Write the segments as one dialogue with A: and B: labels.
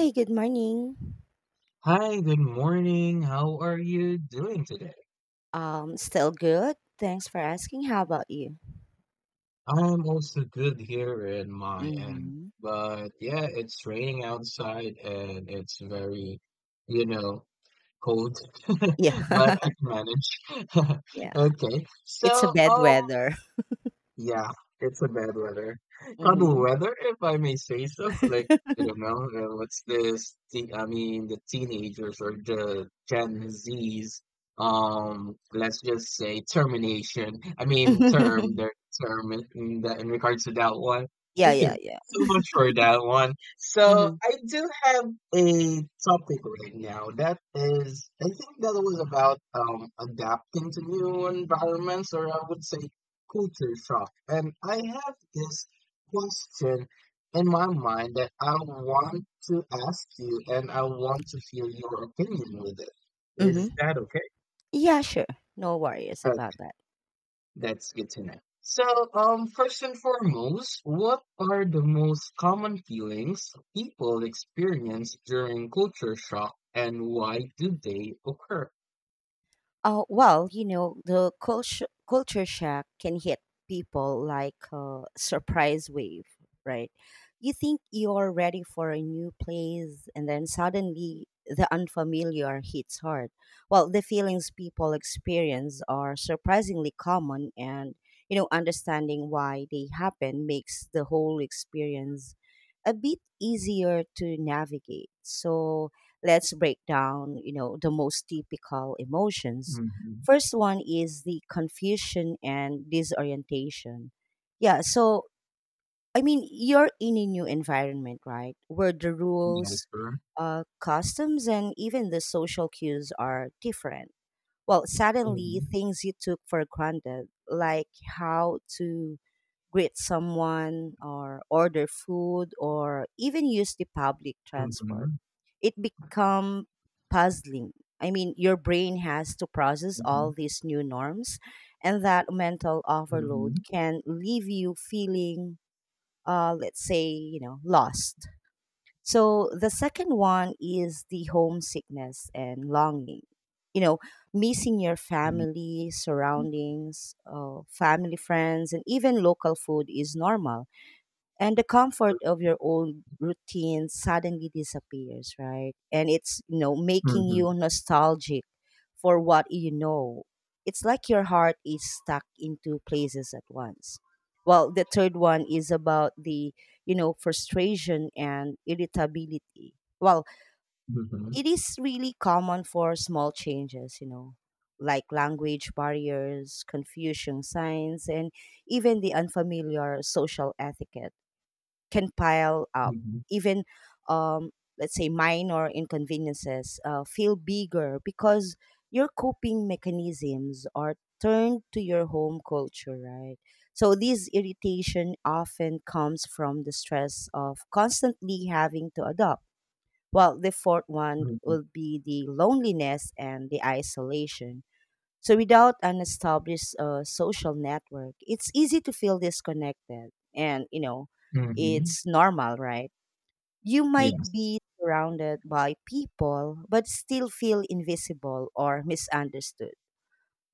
A: Hey, good morning.
B: Hi, good morning. How are you doing today?
A: Still good. Thanks for asking. How about you?
B: I'm also good here in my end,
A: Hmm.
B: but yeah, it's raining outside and it's very, you know, cold,
A: Yeah,
B: but I can manage.
A: yeah.
B: Okay,
A: It's a
B: so
A: bad
B: um,
A: weather.
B: Yeah, it's a bad weather. Bad
A: Hmm.
B: weather, if I may say so. Like, I don't know, what's this? The teenagers or the Gen Zs, let's just say termination. Term in regards to that one.
A: Yeah,
B: Okay,
A: yeah, yeah.
B: so much for that one. So,
A: Hmm.
B: I do have a topic right now that is, I think that was about adapting to new environments, or I would say culture shock. And I have this question in my mind that I want to ask you and I want to hear your opinion with it. Is
A: Hmm.
B: that okay?
A: Yeah, sure. No worries about
B: Okay,
A: that.
B: that's good to know. So, first and foremost, what are the most common feelings people experience during culture shock and why do they occur?
A: Well, you know, the culture shock can hit people like a surprise wave, right? You think you're ready for a new place, and then suddenly the unfamiliar hits hard. Well, the feelings people experience are surprisingly common, and you know, understanding why they happen makes the whole experience a bit easier to navigate. So, let's break down, you know, the most typical emotions.
B: Mm-hmm.
A: First one is the confusion and disorientation. Yeah, so I mean, you're in a new environment, right? Where the
B: Yes,
A: rules,
B: sir.
A: customs, and even the social cues are different. Well, suddenly
B: Mm-hmm.
A: things you took for granted, like how to greet someone or order food or even use the public transport,
B: Mm-hmm.
A: it become puzzling. I mean, your brain has to process all these new norms, and that mental overload
B: Mm-hmm.
A: can leave you feeling, let's say, you know, lost. So the second one is the homesickness and longing. You know, missing your
B: Mm-hmm.
A: family, surroundings, family, friends, and even local food is normal, and the comfort of your old routine suddenly disappears, right? And it's, you know, making
B: Mm-hmm.
A: you nostalgic for what you know. It's like your heart is stuck in two places at once. Well, the third one is about the, you know, frustration and irritability. Well,
B: Mhm.
A: it is really common for small changes, you know, like language barriers, confusion signs, and even the unfamiliar social etiquette can pile up.
B: Mhm.
A: Even, um, let's say, minor inconveniences feel bigger because your coping mechanisms are turned to your home culture, right? So, this irritation often comes from the stress of constantly having to adopt. Well, the fourth one
B: Mhm.
A: will be the loneliness and the isolation. So without an established social network, it's easy to feel disconnected. And, you know,
B: Mhm.
A: it's normal, right? You might
B: Yes.
A: be surrounded by people, but still feel invisible or misunderstood.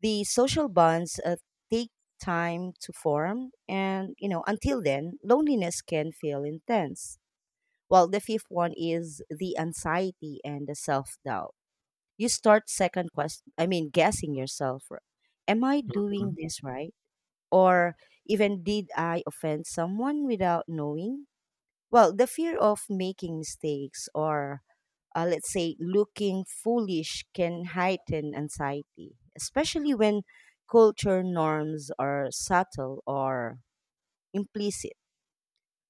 A: The social bonds take time to form. And, you know, until then, loneliness can feel intense. Well, the fifth one is the anxiety and the self doubt. You start second question I mean guessing yourself. Am I doing
B: Mhm.
A: this right, or even did I offend someone without knowing? Well, the fear of making mistakes or, let's say, looking foolish can heighten anxiety, especially when culture norms are subtle or implicit.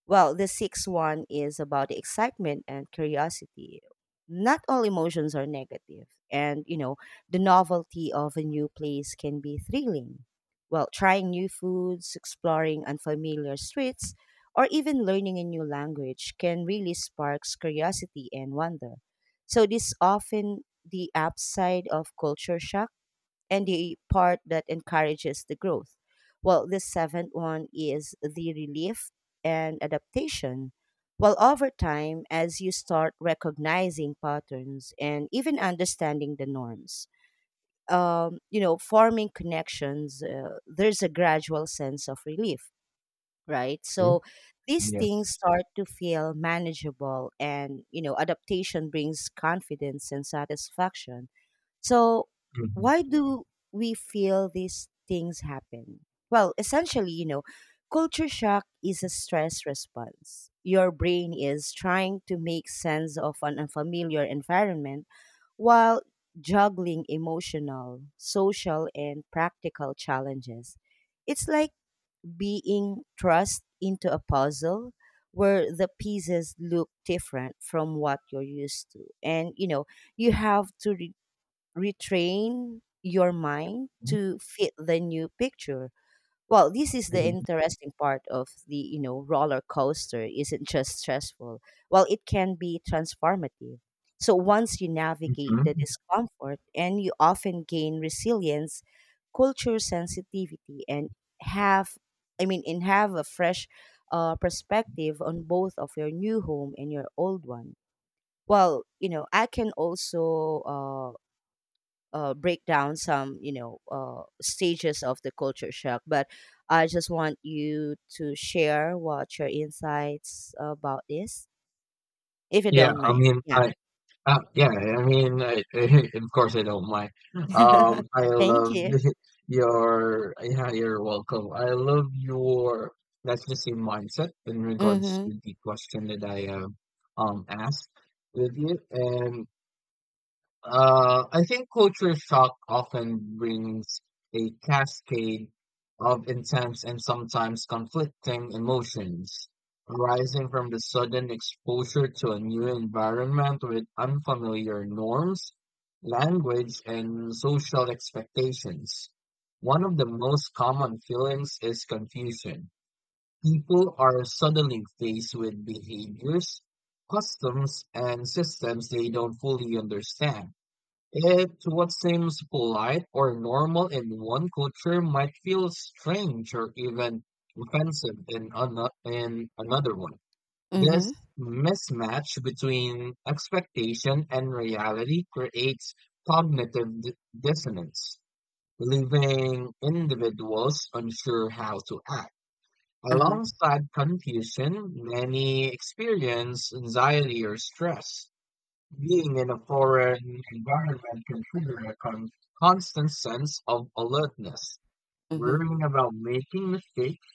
A: Well, the sixth one is about the excitement and curiosity. Not all emotions are negative, and you know, the novelty of a new place can be thrilling. Well, trying new foods, exploring unfamiliar streets, or even learning a new language can really sparks curiosity and wonder. So this often the upside of culture shock and the part that encourages the growth. Well, the seventh one is the relief and adaptation. Well, over time, as you start recognizing patterns and even understanding the norms, you know, forming connections, there's a gradual sense of relief, right?
B: Mhm.
A: So these things
B: Yes.
A: start to feel manageable, and, you know, adaptation brings confidence and satisfaction. So,
B: Mhm.
A: why do we feel these things happen? Well, essentially, you know, culture shock is a stress response. Your brain is trying to make sense of an unfamiliar environment while juggling emotional, social, and practical challenges. It's like being thrust into a puzzle where the pieces look different from what you're used to. And, you know, you have to retrain your mind
B: Mhm.
A: to fit the new picture. Well, this is the
B: Mhm.
A: interesting part of the, you know, roller coaster isn't just stressful. Well, it can be transformative. So once you navigate the
B: Mhm.
A: discomfort, and you often gain resilience, culture sensitivity and have I mean and have a fresh perspective on both of your new home and your old one. Well, you know, I can also break down some, you know, stages of the culture shock, but I just want you to share what your insights about this, if you
B: Yeah,
A: don't
B: I
A: mind.
B: mean,
A: Yeah,
B: I, yeah, I mean, I, of course, I don't mind. I
A: thank
B: love
A: you.
B: you're welcome. That's the same mindset in regards
A: Mm-hmm.
B: to the question that I asked with you, and I think culture shock often brings a cascade of intense and sometimes conflicting emotions arising from the sudden exposure to a new environment with unfamiliar norms, language, and social expectations. One of the most common feelings is confusion. People are suddenly faced with behaviors, customs, and systems they don't fully understand. It's what seems polite or normal in one culture might feel strange or even offensive in another one. This
A: Mm-hmm.
B: mismatch between expectation and reality creates cognitive di- dissonance, leaving individuals unsure how to act.
A: Uh-huh.
B: Alongside confusion, many experience anxiety or stress. Being in a foreign environment can trigger constant sense of alertness,
A: Mm-hmm.
B: worrying about making mistakes,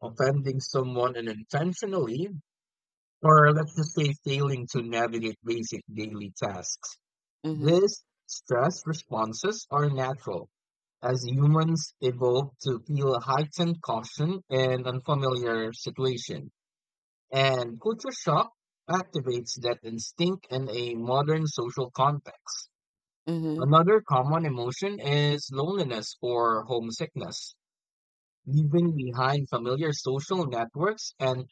B: offending someone unintentionally, or let's just say failing to navigate basic daily tasks.
A: Mm-hmm.
B: These stress responses are natural, as humans evolve to feel heightened caution in unfamiliar situation. And culture shock activates that instinct in a modern social context.
A: Mm-hmm.
B: Another common emotion is loneliness or homesickness. Leaving behind familiar social networks and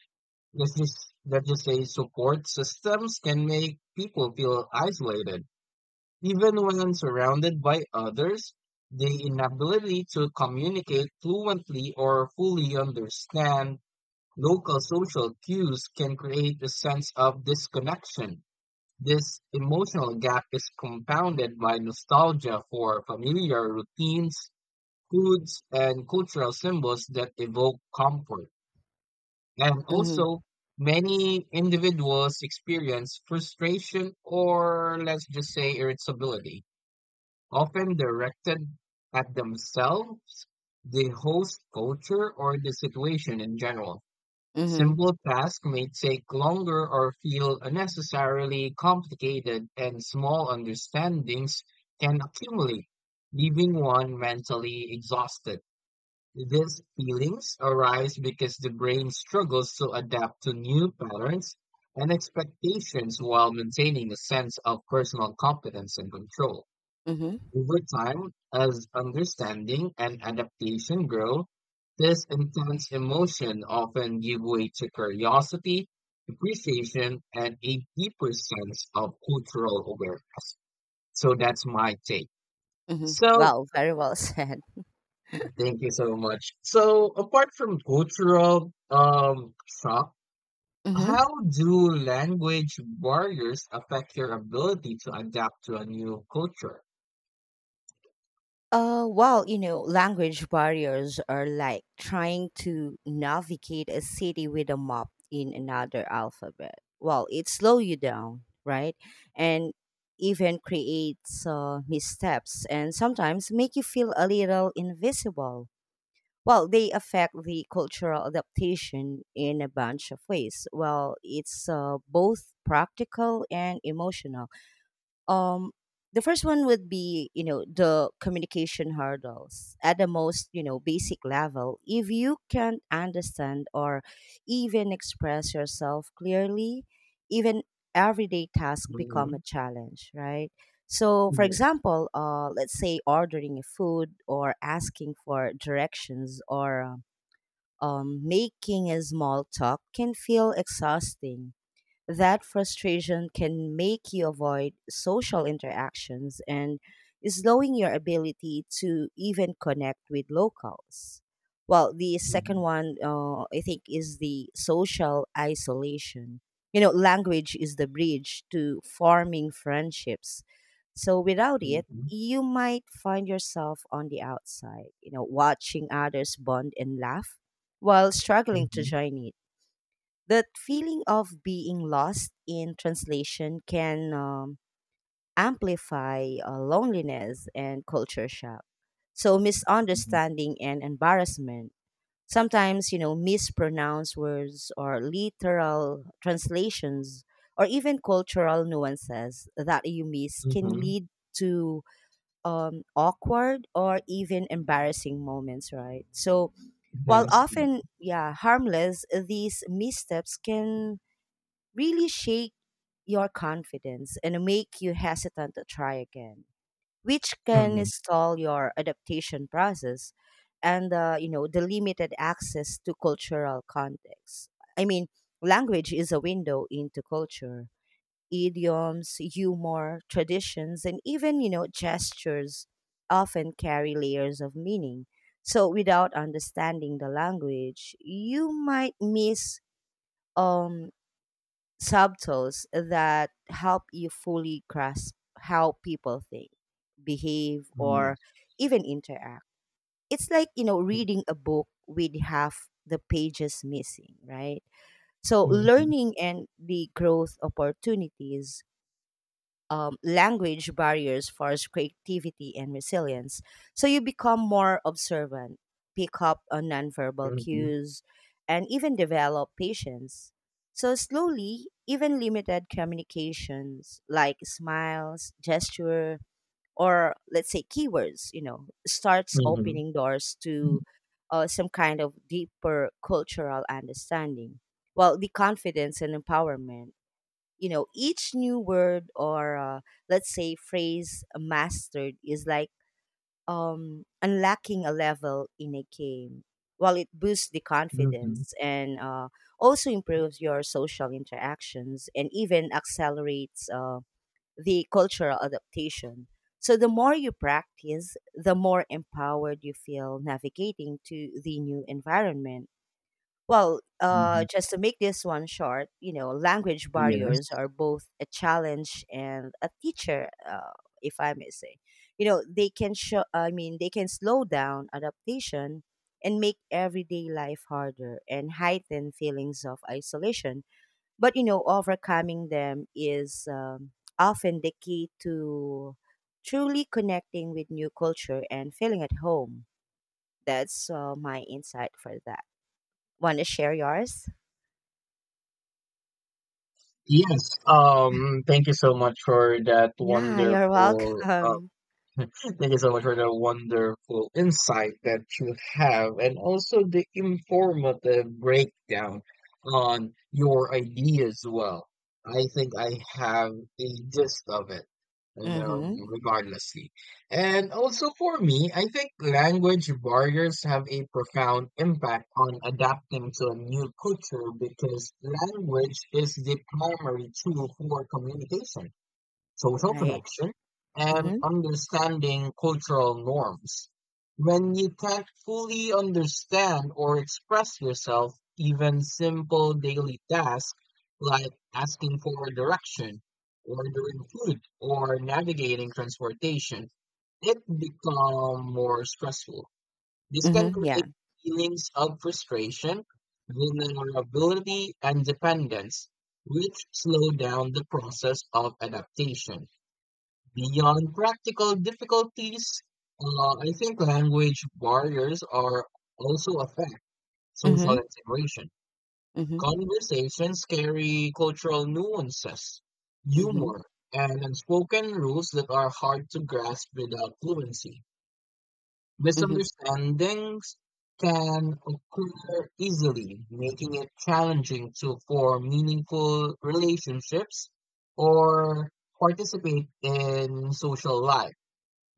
B: let's just let's just say support systems can make people feel isolated. Even when surrounded by others, the inability to communicate fluently or fully understand local social cues can create a sense of disconnection. This emotional gap is compounded by nostalgia for familiar routines, foods, and cultural symbols that evoke comfort. And
A: Mm-hmm.
B: also, many individuals experience frustration or, let's just say, irritability, often directed at themselves, the host culture, or the situation in general.
A: Mm-hmm.
B: Simple tasks may take longer or feel unnecessarily complicated, and small understandings can accumulate, leaving one mentally exhausted. These feelings arise because the brain struggles to adapt to new patterns and expectations while maintaining a sense of personal competence and control.
A: Mm-hmm.
B: Over time, as understanding and adaptation grow, this intense emotion often give way to curiosity, appreciation, and a deeper sense of cultural awareness. So that's my take.
A: Mm-hmm.
B: So
A: Wow, very well said.
B: thank you so much. So apart from cultural shock, how
A: Mm-hmm.
B: do language barriers affect your ability to adapt to a new culture?
A: Well, you know, language barriers are like trying to navigate a city with a map in another alphabet. Well, it slows you down, right? And even creates missteps, and sometimes make you feel a little invisible. Well, they affect the cultural adaptation in a bunch of ways. Well, it's, both practical and emotional. um the first one would be, you know, the communication hurdles. At the most, you know, basic level, if you can't understand or even express yourself clearly, even everyday tasks become a
B: Mhm.
A: challenge, right? So for
B: Yeah.
A: example, let's say, ordering a food or asking for directions or making a small talk can feel exhausting. That frustration can make you avoid social interactions and slowing your ability to even connect with locals. Well, the second
B: Mhm.
A: one, I think, is the social isolation. You know, language is the bridge to forming friendships. So without it,
B: Mhm.
A: you might find yourself on the outside, you know, watching others bond and laugh while struggling to
B: Mhm.
A: join it. That feeling of being lost in translation can, amplify loneliness and culture shock. So,
B: Mhm.
A: misunderstanding and embarrassment. Sometimes, you know, mispronounced words or literal translations or even cultural nuances that you miss can
B: Mhm.
A: lead to, awkward or even embarrassing moments, right? So,
B: That
A: while
B: is correct.
A: often, yeah, harmless, these missteps can really shake your confidence and make you hesitant to try again, which can
B: Mhm.
A: stall your adaptation process. And, you know, the limited access to cultural context. I mean, language is a window into culture. Idioms, humor, traditions, and even, you know, gestures often carry layers of meaning. So without understanding the language, you might miss um subtles that help you fully grasp how people think, behave,
B: Mm,
A: or
B: yes.
A: even interact. It's like, you know,
B: Mm.
A: reading a book with half the pages missing, right? So,
B: Mhm.
A: learning and the growth opportunities. Language barriers fosters creativity and resilience. So you become more observant, pick up on nonverbal
B: Mhm.
A: cues, and even develop patience. So slowly, even limited communications like smiles, gesture, or let's say keywords, you know, starts
B: Mhm.
A: opening doors to, some kind of deeper cultural understanding. Well, the confidence and empowerment. You know, each new word or, let's say, phrase mastered is like unlocking a level in a game. While it boosts the
B: Mhm.
A: confidence and, also improves your social interactions and even accelerates the cultural adaptation. So the more you practice, the more empowered you feel navigating to the new environment. Well,
B: Mhm.
A: just to make this one short, you know, language barriers
B: Yes.
A: are both a challenge and a teacher, if I may say. You know, they can they can slow down adaptation and make everyday life harder and heighten feelings of isolation. But, you know, overcoming them is, often the key to truly connecting with new culture and feeling at home. That's my insight for that. Want to share yours?
B: Yes. Thank you so much for that
A: Yeah, you're
B: wonderful.
A: welcome.
B: Thank you so much for the wonderful insight that you have and also the informative breakdown on your idea as well. I think I have a gist of it,
A: Mm-hmm.
B: regardlessly. And also for me, I think language barriers have a profound impact on adapting to a new culture because language is the primary tool for communication, social
A: Right.
B: connection, and
A: Mm-hmm.
B: understanding cultural norms. When you can't fully understand or express yourself, even simple daily tasks like asking for direction, ordering food, or navigating transportation, it become more stressful. This can
A: Mm-hmm.
B: create
A: Yeah.
B: feelings of frustration, vulnerability, and dependence, which slow down the process of adaptation. Beyond practical difficulties, I think language barriers are also affect social
A: Mm-hmm.
B: integration.
A: Mm-hmm.
B: Conversations carry cultural nuances,
A: Mm-hmm.
B: humor, and unspoken rules that are hard to grasp without fluency.
A: Mm-hmm.
B: Misunderstandings can occur easily, making it challenging to form meaningful relationships or participate in social life.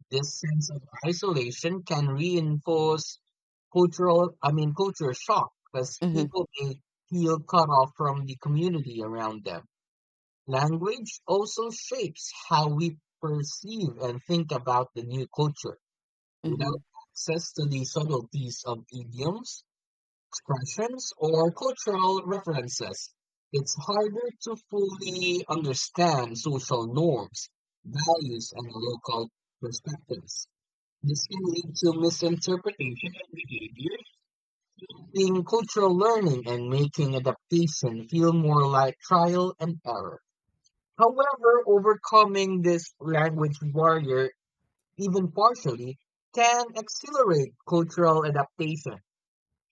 B: This sense of isolation can reinforce culture shock because
A: Mm-hmm.
B: people may feel cut off from the community around them. Language also shapes how we perceive and think about the new culture. Without
A: Mm-hmm.
B: access to the subtleties of idioms, expressions, or cultural references, it's harder to fully understand social norms, values, and local perspectives. This can lead to misinterpretation of behaviors, being cultural learning and making adaptation feel more like trial and error. However, overcoming this language barrier, even partially, can accelerate cultural adaptation.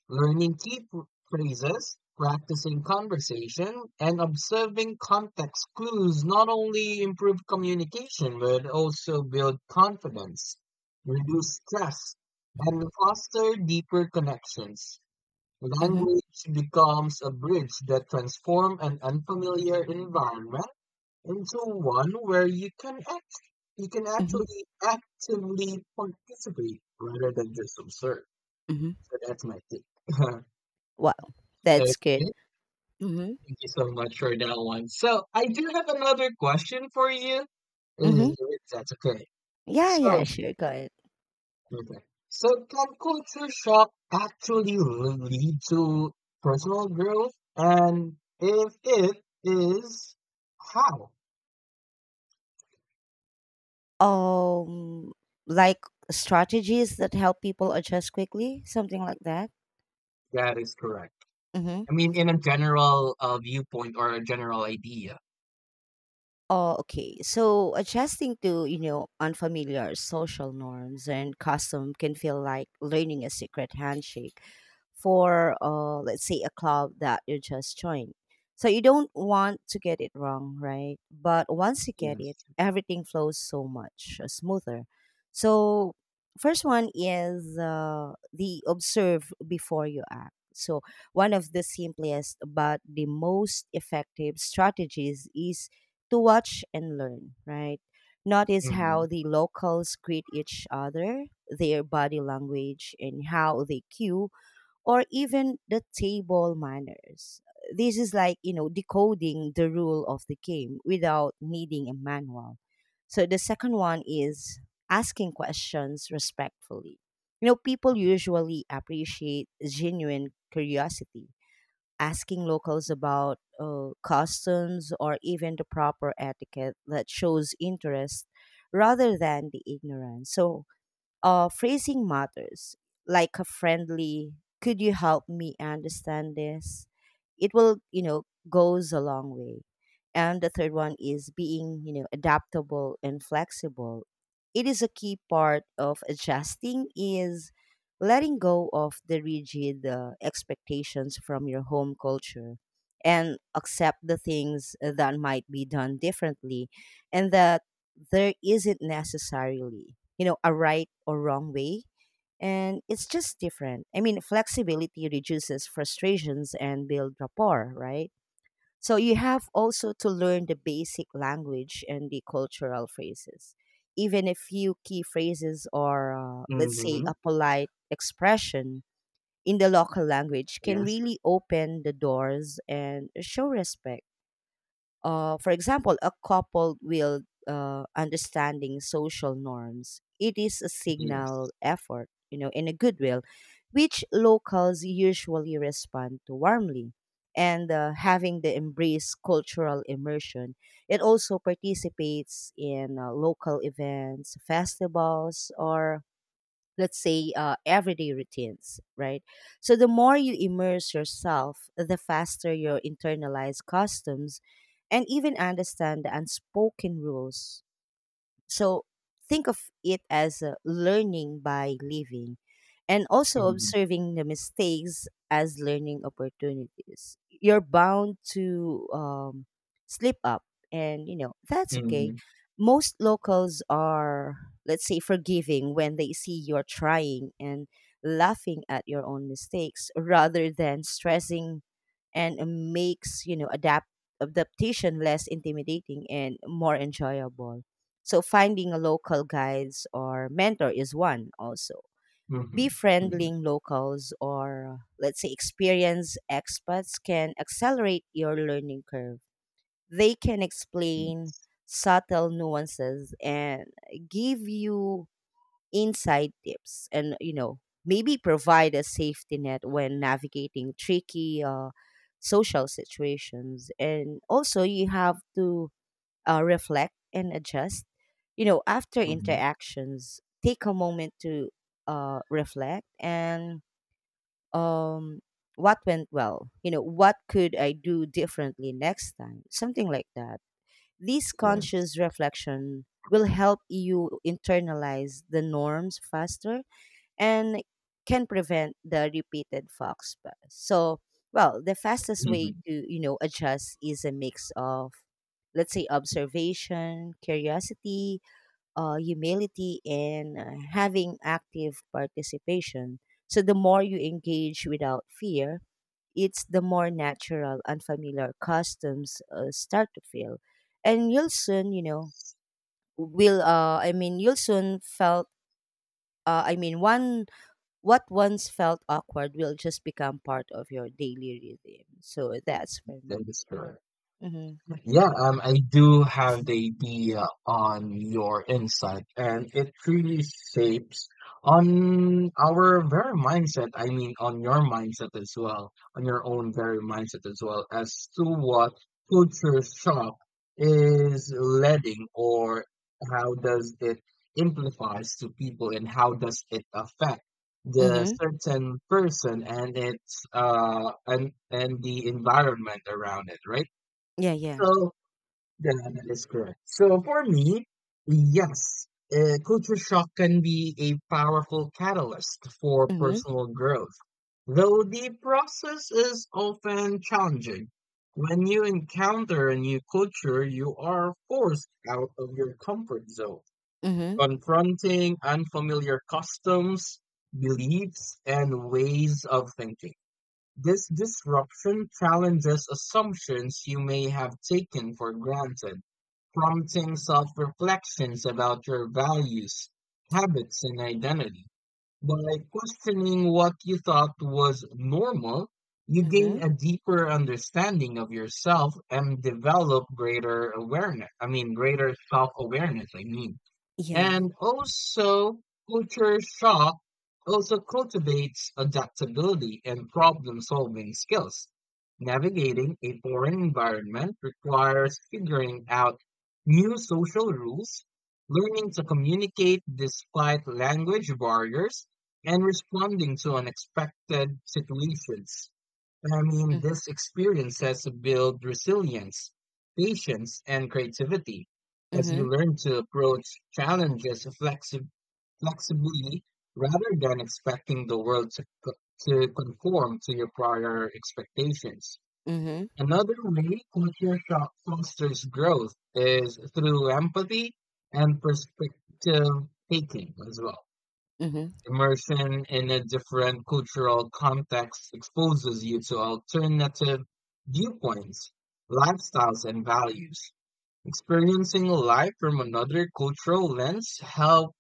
B: Learning phrases, practicing conversation, and observing context clues not only improve communication but also build confidence, reduce stress, and foster deeper connections.
A: Mm-hmm.
B: Language becomes a bridge that transforms an unfamiliar environment into one where you can
A: Mm-hmm.
B: actually actively participate rather than just observe.
A: Mm-hmm.
B: So that's my take.
A: Wow.
B: Okay,
A: That's good. Mm-hmm.
B: thank you so much for that one. So I do have another question for you.
A: Mm-hmm.
B: If that's okay.
A: Yeah, yeah,
B: So,
A: sure. Go ahead.
B: okay. So can culture shock actually lead to personal growth? And if it is, how?
A: Um like strategies that help people adjust quickly, something like that.
B: That is correct.
A: Mm-hmm.
B: I mean, in a general viewpoint or a general idea.
A: Oh, okay. So adjusting to, you know, unfamiliar social norms and custom can feel like learning a secret handshake for, let's say, a club that you just joined. So you don't want to get it wrong, right? But once you get
B: Yes.
A: it, everything flows so much, smoother. So first one is, the observe before you act. So one of the simplest but the most effective strategies is to watch and learn, right? Notice
B: Mm-hmm.
A: how the locals greet each other, their body language, and how they cue, or even the table manners. This is like, you know, decoding the rule of the game without needing a manual. So the second one is asking questions respectfully. You know, people usually appreciate genuine curiosity. Asking locals about, customs or even the proper etiquette that shows interest rather than the ignorance. So, phrasing matters, like a friendly, could you help me understand this? It will, you know, goes a long way. And the third one is being, you know, adaptable and flexible. It is a key part of adjusting is letting go of the rigid expectations from your home culture and accept the things that might be done differently, and that there isn't necessarily, you know, a right or wrong way, and it's just different. I mean, flexibility reduces frustrations and build rapport, right? So you have also to learn the basic language and the cultural phrases. Even a few key phrases or, let's say,
B: Mm-hmm.
A: a polite expression in the local language can
B: Yes.
A: really open the doors and show respect. For example, a couple will understanding social norms. It is a
B: Yes.
A: signal effort, you know, in a goodwill, which locals usually respond to warmly. And Having the embrace cultural immersion, it also participates in local events, festivals, or let's say everyday routines, right? So the more you immerse yourself, the faster you internalize customs and even understand the unspoken rules. So think of it as learning by living, and also
B: Mm-hmm.
A: observing the mistakes as learning opportunities. You're bound to slip up, and you know, that's okay.
B: Mm-hmm.
A: Most locals are, let's say, forgiving when they see you're trying, and laughing at your own mistakes rather than stressing and makes you know adaptation less intimidating and more enjoyable. So finding a local guides or mentor is one. Also
B: Mm-hmm. Mm-hmm.
A: befriending locals, or let's say experienced expats, can accelerate your learning curve. They can explain subtle nuances and give you inside tips, and you know, maybe provide a safety net when navigating tricky social situations. And also you have to reflect and adjust, you know, after
B: Mm-hmm.
A: interactions. Take a moment to reflect and um what went well, you know, what could I do differently next time, something like that. This
B: Yes.
A: conscious reflection will help you internalize the norms faster, and can prevent the repeated fox buzz. So, well, the fastest way
B: Mhm.
A: to, you know, adjust is a mix of, let's say, observation, curiosity, humility, and having active participation. So the more you engage without fear, it's the more natural unfamiliar customs start to feel, and you'll soon, you know, will I mean, you'll soon felt. I mean, one what once felt awkward will just become part of your daily rhythm. So that's for
B: That
A: me.
B: is correct.
A: Mm-hmm.
B: Yeah, I do have the
A: Mm-hmm.
B: idea on your insight, and it truly shapes on our very mindset. I mean, on your mindset as well, on your own very mindset as well, as to what culture shock is leading, or how does it amplifies to people, and how does it affect the
A: Mm-hmm.
B: certain person and its and the environment around it, right?
A: Yeah, yeah.
B: So yeah, that is correct. So for me, yes, culture shock can be a powerful catalyst for
A: Mm-hmm.
B: personal growth, though the process is often challenging. When you encounter a new culture, you are forced out of your comfort zone,
A: Mm-hmm.
B: confronting unfamiliar customs, beliefs, and ways of thinking. This disruption challenges assumptions you may have taken for granted, prompting self-reflections about your values, habits, and identity. By questioning what you thought was normal, you gain
A: Mm-hmm.
B: a deeper understanding of yourself and develop greater awareness. I mean, greater self awareness, I mean.
A: Yeah.
B: And also, culture shock also cultivates adaptability and problem-solving skills. Navigating a foreign environment requires figuring out new social rules, learning to communicate despite language barriers, and responding to unexpected situations. I mean,
A: Mm-hmm.
B: these experiences build resilience, patience, and creativity as you
A: Mm-hmm.
B: learn to approach challenges flexi- flexibly rather than expecting the world to conform to your prior expectations.
A: Mm-hmm.
B: Another way culture shock fosters growth is through empathy and perspective taking as well.
A: Mm-hmm.
B: Immersion in a different cultural context exposes you to alternative viewpoints, lifestyles, and values. Experiencing life from another cultural lens helps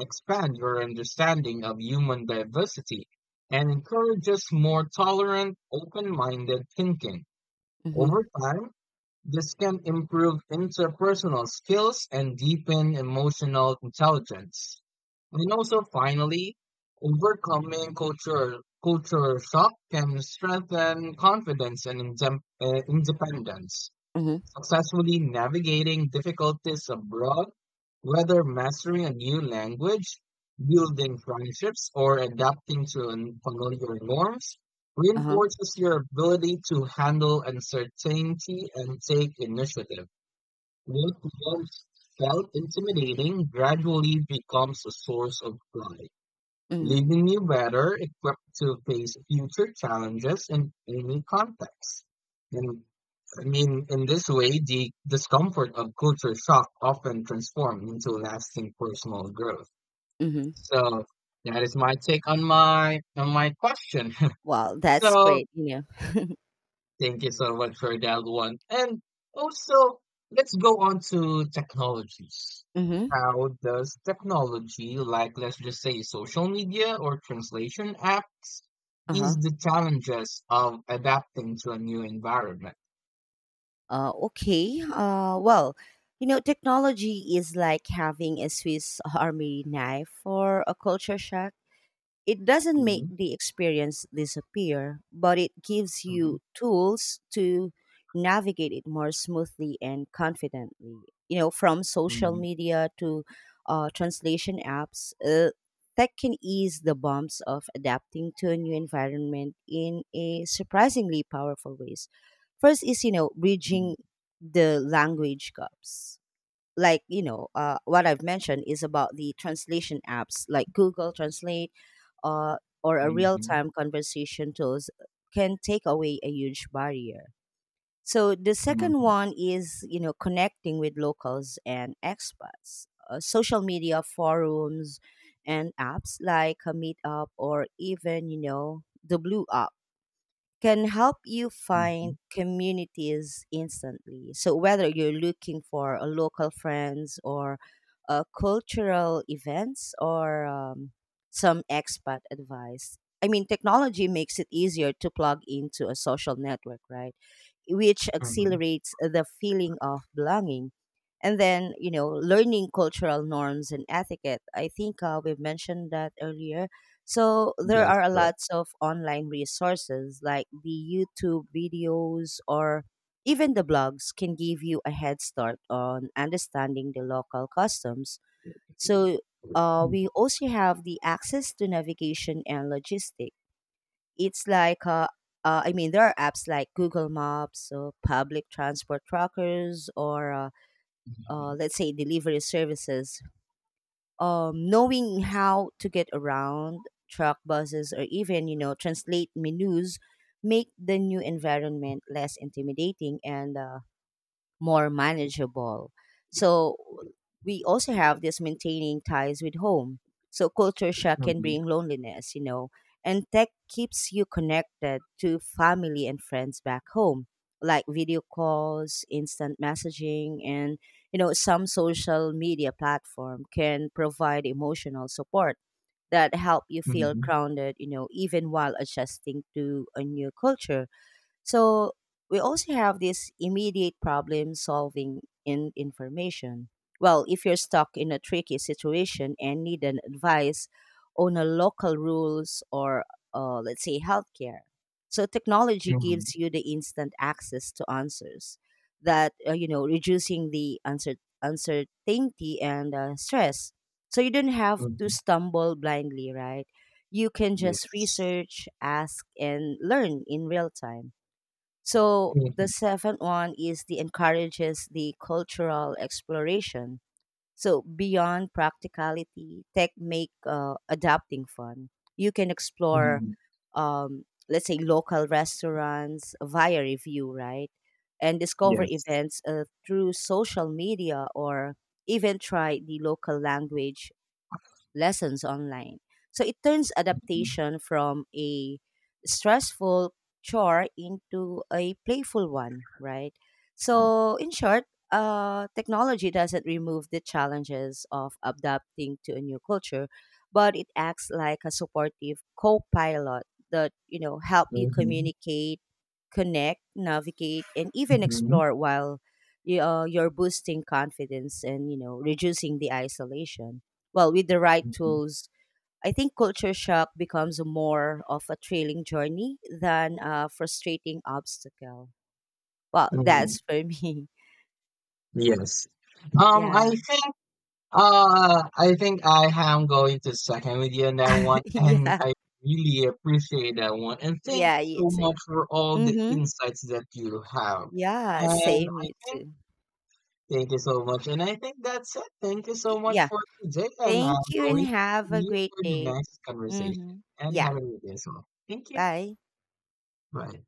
B: expand your understanding of human diversity and encourages more tolerant, open-minded thinking.
A: Mm-hmm.
B: Over time, this can improve interpersonal skills and deepen emotional intelligence. And also, finally, overcoming culture shock can strengthen confidence and independence.
A: Mm-hmm.
B: Successfully navigating difficulties abroad, whether mastering a new language, building friendships, or adapting to unfamiliar norms,
A: Uh-huh.
B: reinforces your ability to handle uncertainty and take initiative. What once felt intimidating gradually becomes a source of pride,
A: Mm-hmm.
B: leaving you better equipped to face future challenges in any context. And I mean, in this way, the discomfort of culture shock often transforms into lasting personal growth.
A: Mm-hmm.
B: So that is my take on my question.
A: Well, that's
B: So
A: great, you know.
B: thank you so much for that one. And also, let's go on to technologies.
A: Mm-hmm.
B: How does technology, like let's just say social media or translation apps, ease
A: Uh-huh.
B: the challenges of adapting to a new environment?
A: Okay. Well, you know, technology is like having a Swiss army knife for a culture shock. It doesn't make
B: Mm-hmm.
A: the experience disappear, but it gives
B: Mm-hmm.
A: you tools to navigate it more smoothly and confidently. You know, from social
B: Mm-hmm.
A: media to translation apps, tech can ease the bumps of adapting to a new environment in a surprisingly powerful ways. First is, you know, bridging the language gaps, like, you know, what I've mentioned is about the translation apps like Google Translate, uh, or a
B: Mm-hmm.
A: real-time conversation tools can take away a huge barrier. So the second
B: Mm-hmm.
A: one is, you know, connecting with locals and expats. Social media forums and apps like a meetup, or even, you know, the blue app can help you
B: Mm-hmm.
A: find communities instantly. So whether you're looking for a local friends or cultural events or some expat advice, I mean, technology makes it easier to plug into a social network, right? Which
B: Mm-hmm.
A: accelerates the feeling of belonging. And then, you know, learning cultural norms and etiquette. I think we've mentioned that earlier. So there
B: That's
A: are a
B: correct.
A: lots of online resources like the YouTube videos or even the blogs can give you a head start on understanding the local customs. So we also have the access to navigation and logistics. It's like I mean, there are apps like Google Maps, so public transport trackers, or
B: Mm-hmm.
A: let's say delivery services. Knowing how to get around truck buses or even, you know, translate menus make the new environment less intimidating and more manageable. So we also have this maintaining ties with home. So culture shock can
B: Mm-hmm.
A: bring loneliness, you know, and tech keeps you connected to family and friends back home, like video calls, instant messaging, and you know, some social media platform can provide emotional support that help you feel
B: Mm-hmm.
A: grounded, you know, even while adjusting to a new culture. So we also have this immediate problem solving in information. Well, if you're stuck in a tricky situation and need an advice on a local rules or let's say healthcare. So technology
B: Mm-hmm.
A: gives you the instant access to answers that you know reducing the uncertainty and stress. So you don't have to
B: Mm-hmm.
A: stumble blindly, right? You can just
B: Yes.
A: research, ask, and learn in real time. So the
B: Mm-hmm.
A: seventh one is the encourages the cultural exploration. So beyond practicality, tech make adapting fun. You can explore,
B: Mm-hmm.
A: let's say, local restaurants via review, right? And discover
B: Yes.
A: events through social media, or even try the local language lessons online. So it turns
B: Mm-hmm.
A: adaptation from a stressful chore into a playful one, right? So, in short, technology doesn't remove the challenges of adapting to a new culture, but it acts like a supportive co-pilot that, you know, help you
B: Mhm.
A: communicate, connect, navigate, and even
B: Mhm.
A: explore, while you're boosting confidence and, you know, reducing the isolation. Well, with the right
B: Mhm.
A: tools, I think culture shock becomes more of a thrilling journey than a frustrating obstacle. Well,
B: Mhm.
A: that's for me.
B: Yes. Um, I
A: Yeah.
B: think I think I am going to second with you on that one and
A: Yeah.
B: I really appreciate that one and thank
A: Yeah,
B: you
A: you
B: so
A: too.
B: much for all the
A: Mm-hmm.
B: insights that you have.
A: Yeah,
B: And
A: same
B: I
A: you
B: think
A: too.
B: thank you so much and I think that's it. Thank you so much
A: Yeah.
B: for today and
A: Thank
B: I'm
A: you and
B: going to
A: have
B: see
A: a
B: you
A: great
B: for the
A: day.
B: next conversation
A: Mm-hmm.
B: and
A: Yeah.
B: have a good day as well. Thank you.
A: Bye.
B: Bye.